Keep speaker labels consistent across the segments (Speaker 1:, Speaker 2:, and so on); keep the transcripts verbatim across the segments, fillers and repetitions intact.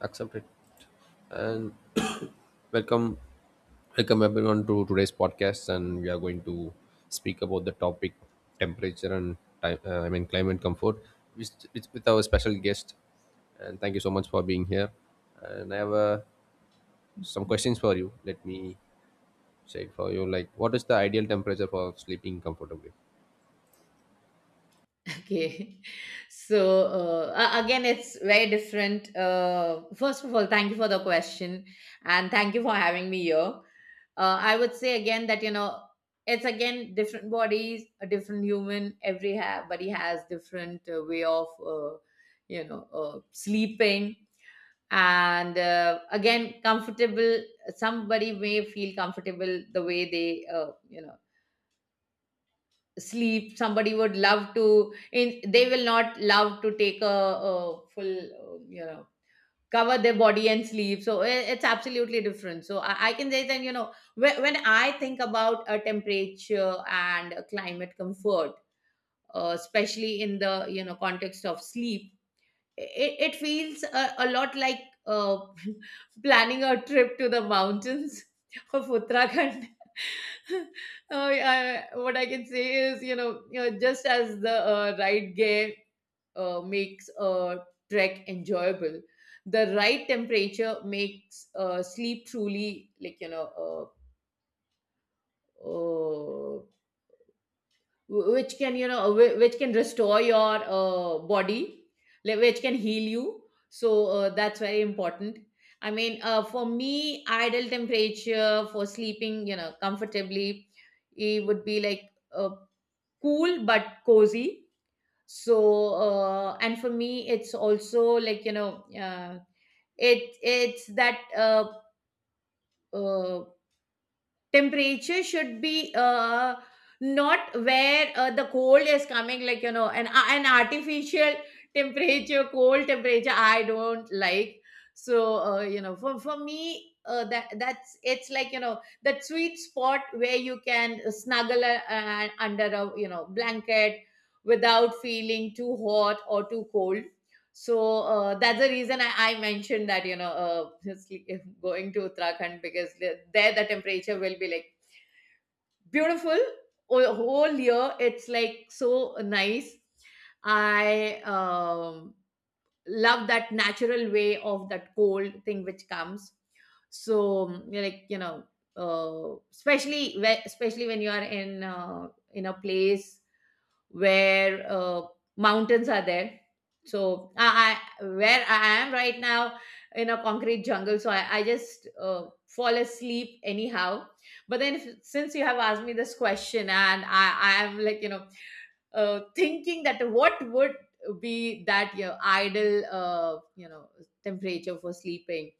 Speaker 1: Accept it and welcome welcome everyone to today's podcast, and we are going to speak about the topic temperature and time, uh, I mean climate comfort, with, with with our special guest, and thank you so much for being here. And I have uh, some questions for you. Let me say for you, like, what is the ideal temperature for sleeping comfortably?
Speaker 2: Okay. So uh, a- again, it's very different. Uh, first of all, thank you for the question and thank you for having me here. Uh, I would say again that, you know, it's again different bodies, a different human. Every ha- body has different uh, way of, uh, you know, uh, sleeping. And uh, again, comfortable. Somebody may feel comfortable the way they, uh, you know, sleep. Somebody would love to in, they will not love to take a, a full uh, you know cover their body and sleep, so i- it's absolutely different. So i, I can say that you know when, when i think about a temperature and a climate comfort, uh, especially in the you know context of sleep, it, it feels a, a lot like uh, planning a trip to the mountains of Uttarakhand. Oh, yeah, what I can say is, you know, you know, just as the uh, right gear uh, makes a trek enjoyable, the right temperature makes uh, sleep truly like you know uh, uh, wh- which can you know wh- which can restore your uh, body, like, which can heal you. So uh, that's very important. I mean uh, for me ideal temperature for sleeping you know comfortably, it would be like uh, cool but cozy. So uh, and for me it's also like you know uh, it it's that uh, uh, temperature should be uh, not where uh, the cold is coming, like you know an uh, an artificial temperature, cold temperature i don't like. So uh, you know for for me uh, that that's it's like you know that sweet spot where you can snuggle uh, uh, under a you know blanket without feeling too hot or too cold. So uh, that's the reason I, I mentioned that you know uh, just like if going to Uttarakhand, because the- there the temperature will be like beautiful. O- whole year it's like so nice. I um, love that natural way of that cold thing which comes. So mm, like you know uh, especially whe- especially when you are in uh, in a place where uh, mountains are there. So I, I, where I am right now in a concrete jungle, so I, I just uh, fall asleep anyhow. But then, if, since you have asked me this question, and I, I am like you know uh, thinking that what would be that your ideal uh, you know temperature for sleeping.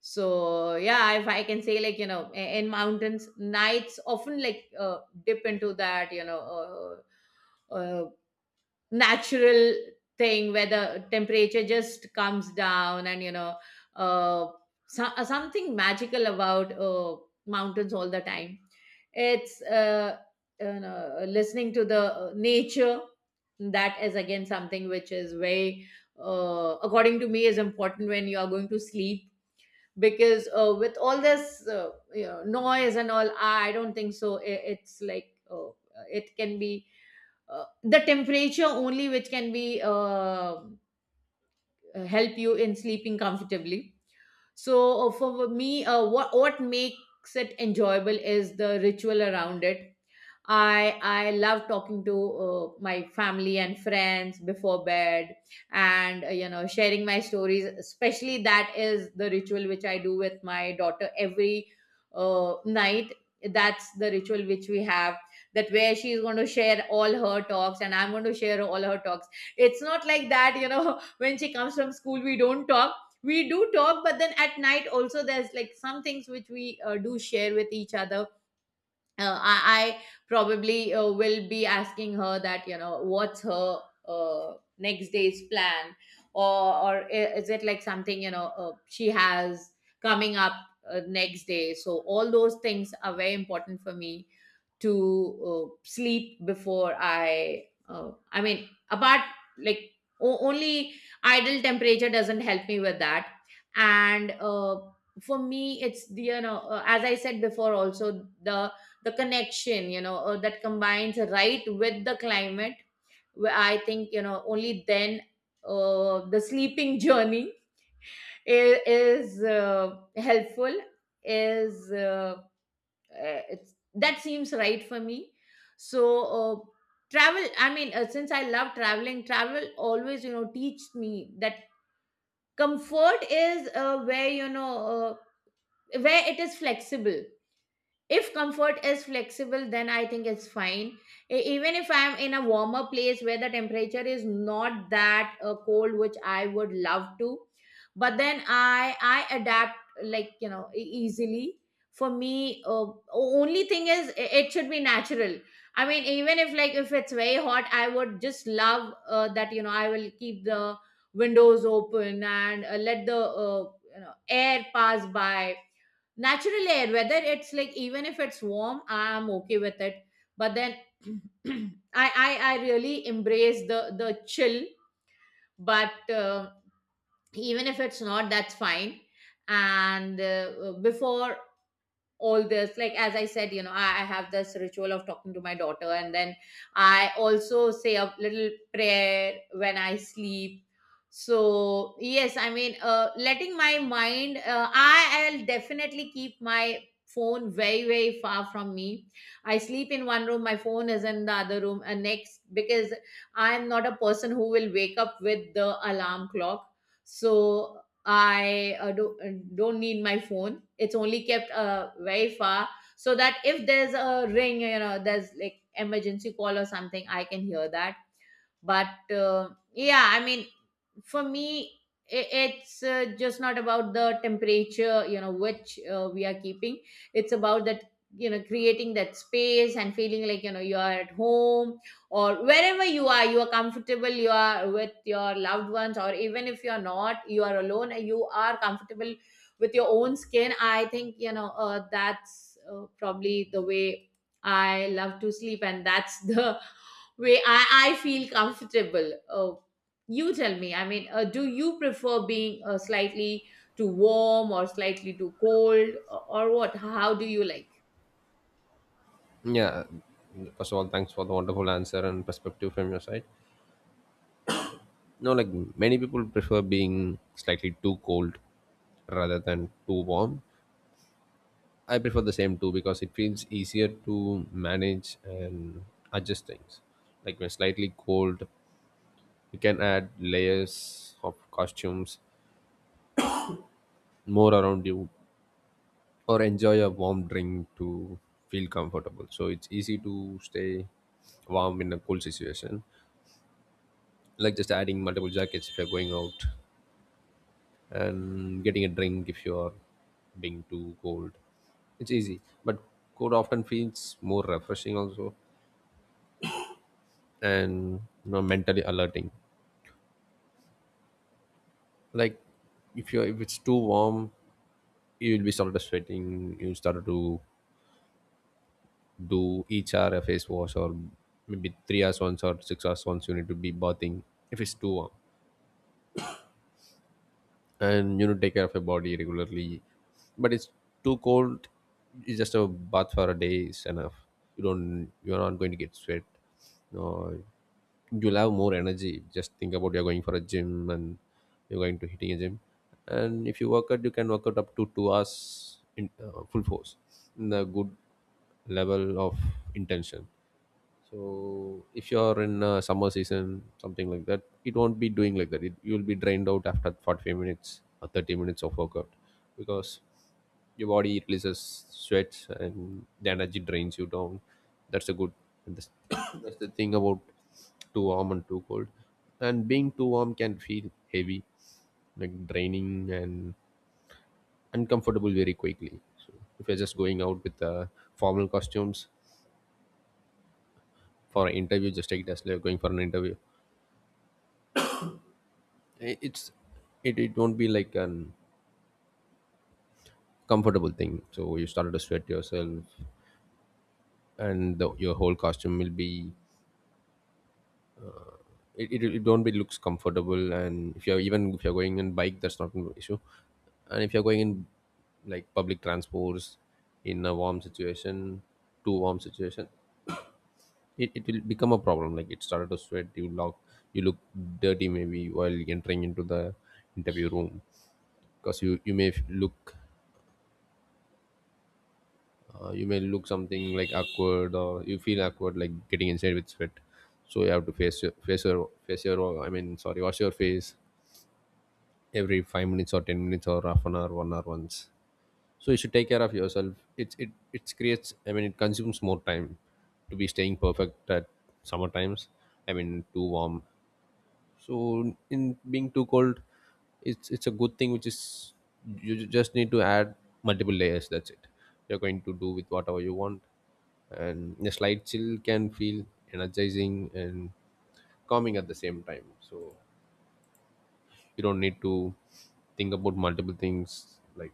Speaker 2: So yeah, if I can say like you know i- in mountains, nights often like uh, dip into that you know. Uh, uh, Natural thing where the temperature just comes down and you know. Uh, so, uh, something magical about uh, mountains all the time. It's uh, you know, listening to the uh, nature, that is again something which is very uh, according to me is important when you are going to sleep. Because uh, with all this uh, you know, noise and all, i don't think so. I- it's like uh, it can be uh, the temperature only which can be uh, help you in sleeping comfortably. So uh, for me uh, what what makes it enjoyable is the ritual around it. I I love talking to uh, my family and friends before bed, and uh, you know sharing my stories. Especially that is the ritual which I do with my daughter every uh, night. That's the ritual which we have. That where she is going to share all her talks, and I'm going to share all her talks. It's not like that, you know. When she comes from school, we don't talk. We do talk, but then at night also there's like some things which we uh, do share with each other. uh, I, I probably uh, will be asking her that you know what's her uh, next day's plan, or or i- is it like something you know uh, she has coming up uh, next day. So all those things are very important for me to uh, sleep before I. Uh, I mean, apart like o- only ideal temperature doesn't help me with that, and uh, for me, it's the you know uh, as I said before also the the connection you know uh, that combines right with the climate. Where I think you know only then uh, the sleeping journey is, is uh, helpful is. Uh, uh, it's that seems right for me. So uh, travel, I mean uh, since i love traveling, travel always you know teach me that comfort is uh, where you know uh, where it is flexible. If comfort is flexible, then i think it's fine. E- even if i'm in a warmer place where the temperature is not that uh, cold which i would love to, but then i i adapt, like you know e- easily. For me uh, only thing is i- it should be natural. I mean, even if like if it's very hot, i would just love uh, that you know i will keep the windows open and uh, let the uh, you know air pass by, natural air, whether it's like even if it's warm, i'm okay with it. But then I, I i really embrace the the chill, but uh, even if it's not, that's fine. And uh, before all this, like as i said, you know I, I have this ritual of talking to my daughter, and then i also say a little prayer when i sleep. So yes, I mean uh, letting my mind uh, i i'll definitely keep my phone very very far from me. I sleep in one room, my phone is in the other room and next, because i'm not a person who will wake up with the alarm clock. So I uh, do, uh, don't need my phone. It's only kept uh, very far, so that if there's a ring, you know, there's like emergency call or something, I can hear that. But uh, yeah, I mean, for me i- it's uh, just not about the temperature you know which uh, we are keeping. It's about that you know creating that space and feeling like you know you are at home, or wherever you are, you are comfortable, you are with your loved ones, or even if you are not, you are alone and you are comfortable with your own skin. I think you know uh, that's uh, probably the way i love to sleep, and that's the way I, I feel comfortable. Uh, you tell me, I mean, uh, do you prefer being uh, slightly too warm or slightly too cold, or, or what? How do you like?
Speaker 1: Yeah, first of all, thanks for the wonderful answer and perspective from your side. No, like, many people prefer being slightly too cold rather than too warm. I prefer the same too, because it feels easier to manage and adjust things. Like, when slightly cold, you can add layers of costumes more around you, or enjoy a warm drink to feel comfortable. So it's easy to stay warm in a cold situation. Like just adding multiple jackets if you're going out, and getting a drink if you're being too cold. It's easy. But cold often feels more refreshing also, and, you know, mentally alerting. Like, if you if it's too warm, you will be started sweating, you started to do each hour a face wash, or maybe three hours once or six hours once you need to be bathing if it's too warm, and, you know, take care of your body regularly. But it's too cold, it's just a bath for a day is enough. You don't you're not going to get sweat, no. You'll have more energy. Just think about, you're going for a gym, and you're going to hitting a gym, and if you work out, you can work out up to two hours in uh, full force, in a good level of intention. So if you're in uh, summer season something like that, it won't be doing like that. It, you'll be drained out after forty-five minutes or thirty minutes of workout, because your body releases sweats, and the energy drains you down. That's a good, and that's, that's the thing about too warm and too cold. And being too warm can feel heavy, like draining and uncomfortable very quickly. So if you're just going out with uh, formal costumes for an interview, just take it as like you're going for an interview. I- it's it, it won't be like an comfortable thing, so you started to sweat yourself, and the, your whole costume will be, it, it, it don't be looks comfortable. And if you're, even if you're going in bike, that's not an issue. And if you're going in like public transports in a warm situation, too warm situation, it, it will become a problem, like it started to sweat. You look you look dirty maybe while entering into the interview room, because you you may look uh, you may look something like awkward, or you feel awkward like getting inside with sweat. So you have to face your face your face your I mean sorry wash your face every five minutes or ten minutes or half an hour, one hour once. So you should take care of yourself. It's it it creates, i mean it consumes more time to be staying perfect at summer times, I mean too warm. So, in being too cold, it's it's a good thing, which is you ju- just need to add multiple layers, that's it. You're going to do with whatever you want. And a slight chill can feel energizing and calming at the same time. So you don't need to think about multiple things like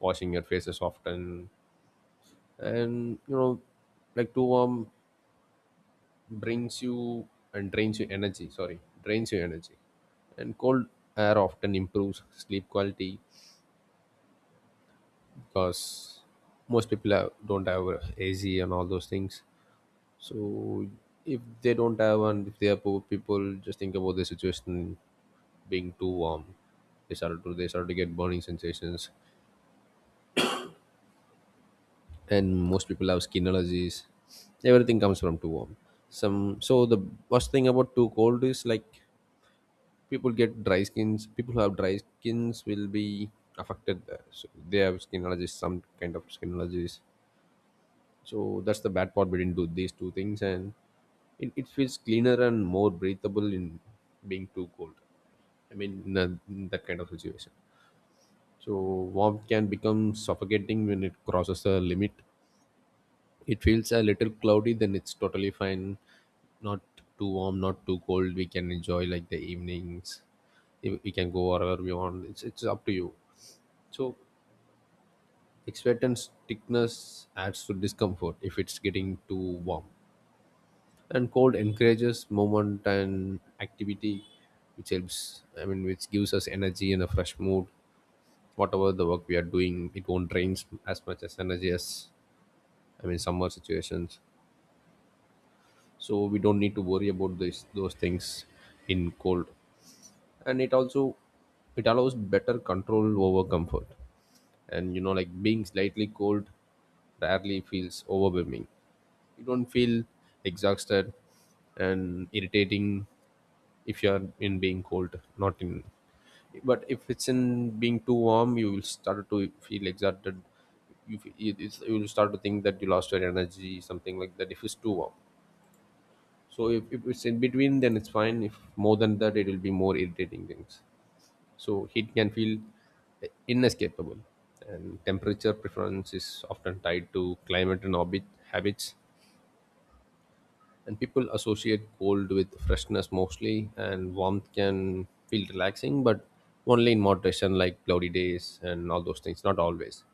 Speaker 1: washing your faces often, and, you know, like too warm brings you and drains your energy sorry drains your energy. And cold air often improves sleep quality, because most people have, don't have a AC and all those things. So if they don't have, and if they are poor people, just think about the situation, being too warm. They started to they started to get burning sensations, and most people have skin allergies. Everything comes from too warm. Some so the worst thing about too cold is like people get dry skins. People who have dry skins will be affected there. So they have skin allergies, some kind of skin allergies. So that's the bad part between do these two things. And it, it feels cleaner and more breathable in being too cold. I mean, in, a, in that kind of situation. So warmth can become suffocating when it crosses the limit. It feels a little cloudy, then it's totally fine. Not too warm, not too cold. We can enjoy like the evenings. We we can go wherever we want. It's, it's up to you. So, sweat and stiffness adds to discomfort if it's getting too warm. And cold encourages movement and activity, which helps, i mean which gives us energy and a fresh mood. Whatever the work we are doing, it won't drain as much as energy as, I mean, summer situations. So we don't need to worry about this those things in cold. And it also, it allows better control over comfort. And, you know, like being slightly cold rarely feels overwhelming. You don't feel exhausted and irritating if you are in being cold, not in. But if it's in being too warm, you will start to feel exhausted. you, f- it- it's, you will start to think that you lost your energy, something like that, if it's too warm. So if, if it's in between, then it's fine. If more than that, it will be more irritating things. So heat can feel inescapable, and temperature preference is often tied to climate and orbit habits. And people associate cold with freshness mostly, and warmth can feel relaxing, but only in moderation, like cloudy days and all those things. Not always.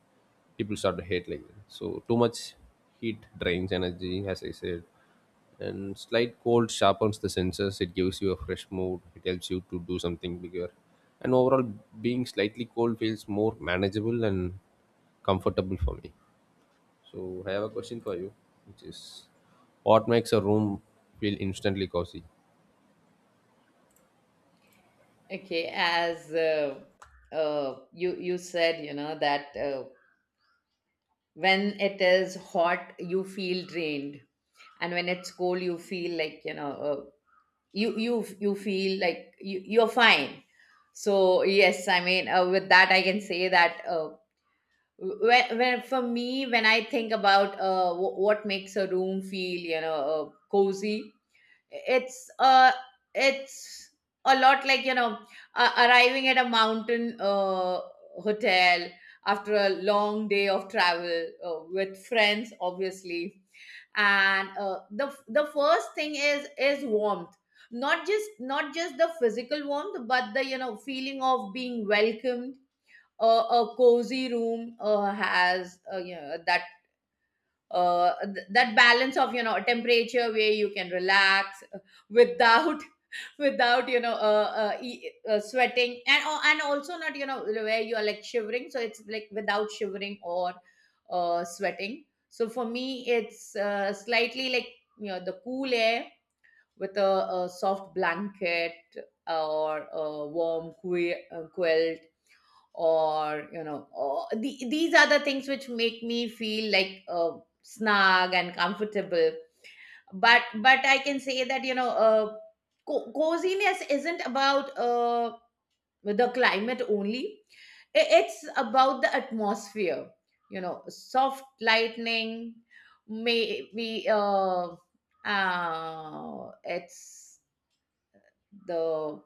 Speaker 1: People start to hate like that. So too much heat drains energy, as I said. And slight cold sharpens the senses, it gives you a fresh mood, it helps you to do something bigger. And overall, being slightly cold feels more manageable and comfortable for me. So I have a question for you, which is, what makes a room feel instantly cozy?
Speaker 2: Okay, as uh, uh, you you said, you know that uh, when it is hot, you feel drained, and when it's cold, you feel like you know uh, you you you feel like you, you're fine. So yes, I mean uh, with that, I can say that uh, when, when for me when i think about uh, w- what makes a room feel you know uh, cozy, it's uh it's a lot like you know uh, arriving at a mountain uh, hotel after a long day of travel uh, with friends, obviously. And uh, the the first thing is is warmth, not just not just the physical warmth but the you know feeling of being welcomed. Uh, a cozy room uh, has uh, you know that uh, th- that balance of you know a temperature where you can relax uh, without without you know uh, uh, e- uh, sweating, and oh, and also not you know where you are like shivering. So it's like without shivering or uh, sweating. So for me it's uh, slightly like you know the cool air with a, a soft blanket or a warm que- uh, quilt, or you know or the, these are the things which make me feel like uh, snug and comfortable. But but i can say that you know uh, co- coziness isn't about uh, the climate only. I- it's about the atmosphere, you know, soft lightning, maybe uh, uh it's the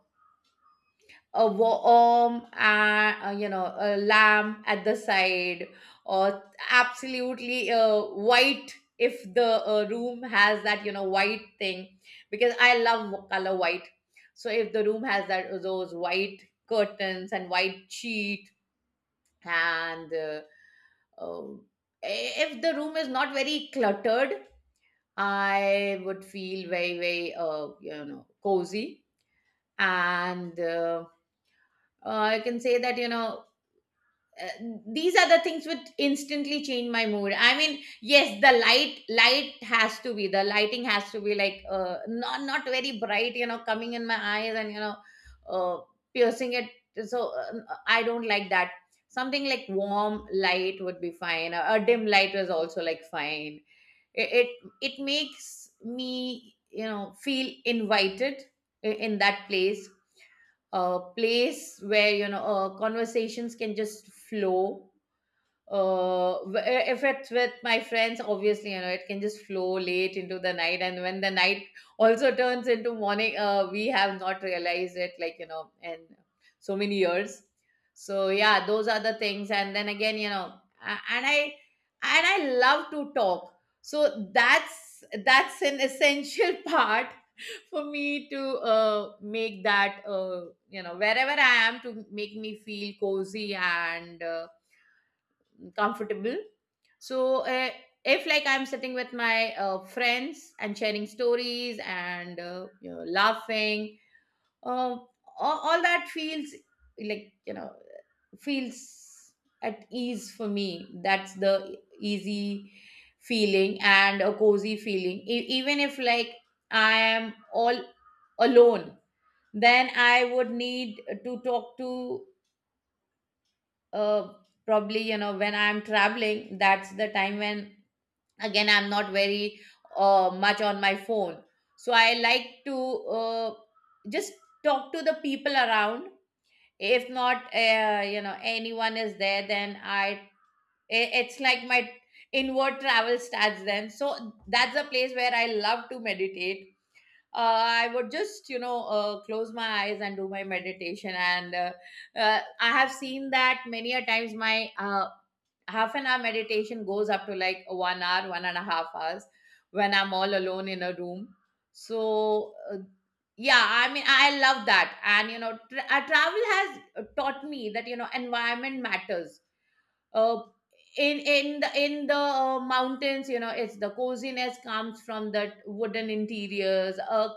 Speaker 2: a worm and uh, you know a lamb at the side, or absolutely uh, white, if the uh, room has that you know white thing. Because i love color white. So if the room has that those white curtains and white sheet, and uh, um, if the room is not very cluttered, i would feel very very uh, you know cozy. And uh, uh, i can say that you know uh, these are the things which instantly change my mood. I mean, yes, the light light has to be, the lighting has to be like uh, not not very bright, you know, coming in my eyes and you know uh, piercing it, so uh, i don't like that. Something like warm light would be fine, a, a dim light was also like fine. It it, it makes me you know Feel invited i- in that place. A place where, you know, uh, conversations can just flow. uh if it's with my friends, obviously, you know, it can just flow late into the night. And when the night also turns into morning, uh we have not realized it, like, you know, in so many years. So yeah, those are the things. And then again, you know, a- and i and i love to talk. So that's that's an essential part for me, to uh, make that, uh, you know, wherever I am, to make me feel cozy and uh, comfortable. So, uh, if, like, I'm sitting with my uh, friends and sharing stories, and, uh, you know, laughing, uh, all, all that feels, like, you know, feels at ease for me. That's the easy feeling, and a cozy feeling. E- even if, like, I am all alone, then I would need to talk to, uh, probably, you know, when I'm traveling. That's the time when, again, I'm not very uh, much on my phone. So I like to, uh, just talk to the people around. If not, uh, you know, anyone is there, then i i- it's like my inward travel starts then. So that's a place where I love to meditate. uh, I would just, you know, uh, close my eyes and do my meditation, and uh, uh, I have seen that many a times my uh, half an hour meditation goes up to, like, one hour, one and a half hours, when I'm all alone in a room. So, uh, yeah, I mean, I love that. And, you know, tra- uh, travel has taught me that, you know, environment matters. uh, in in the in the uh, mountains, you know, it's — the coziness comes from that wooden interiors, uh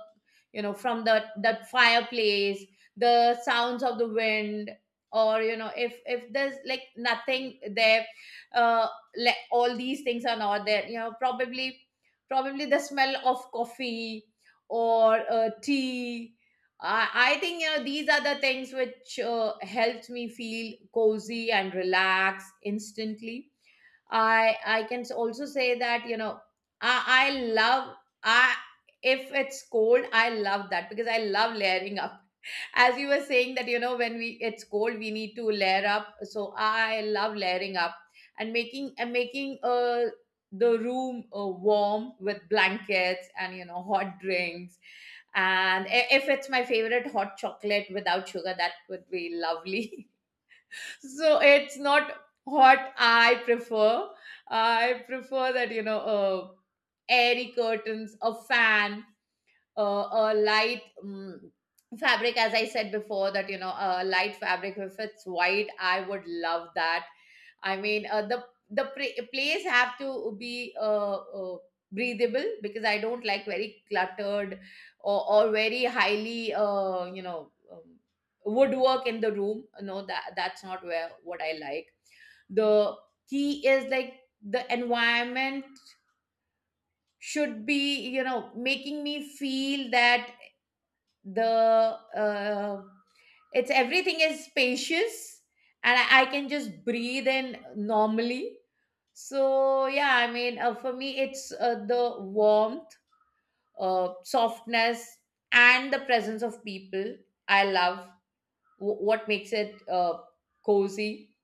Speaker 2: you know, from the that fireplace, the sounds of the wind. Or, you know, if if there's, like, nothing there, uh like all these things are not there, you know. Probably, probably the smell of coffee, or uh, tea. I, I think, you know, these are the things which uh, helps me feel cozy and relax instantly. I I can also say that, you know, I I love — I if it's cold, I love that, because I love layering up. As you were saying, that, you know, when we it's cold, we need to layer up. So I love layering up, and making and making uh the room uh, warm with blankets and, you know, hot drinks. And i- if it's my favorite hot chocolate without sugar, that would be lovely. So it's not what I prefer. I prefer that, you know, uh, airy curtains, a fan, uh, a light, um, fabric. As I said before, that, you know, a light fabric, if it's white, I would love that. I mean, uh, the the pra- place have to be uh, uh, breathable, because I don't like very cluttered, or, or very highly, uh, you know, um, woodwork in the room. No, that that's not where what I like. The key is, like, the environment should be, you know, making me feel that the uh, it's — everything is spacious, and I, I can just breathe in normally. So yeah, I mean, uh, for me it's, uh, the warmth, uh, softness, and the presence of people I love. W- what makes it uh, cozy,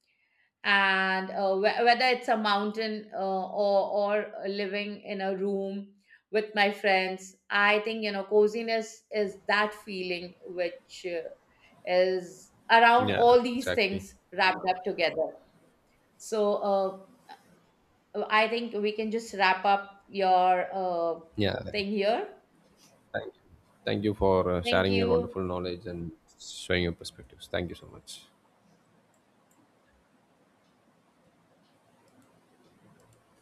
Speaker 2: and uh, wh- whether it's a mountain, uh, or or living in a room with my friends, I think, you know, coziness is that feeling which uh, is around
Speaker 1: Yeah,
Speaker 2: all these
Speaker 1: exactly.
Speaker 2: things wrapped up together. So, uh, I think we can just wrap up your uh,
Speaker 1: Yeah,
Speaker 2: thing here.
Speaker 1: thank you. Thank you for uh,
Speaker 2: Thank
Speaker 1: sharing your
Speaker 2: you.
Speaker 1: wonderful knowledge and showing your perspectives. Thank you so much.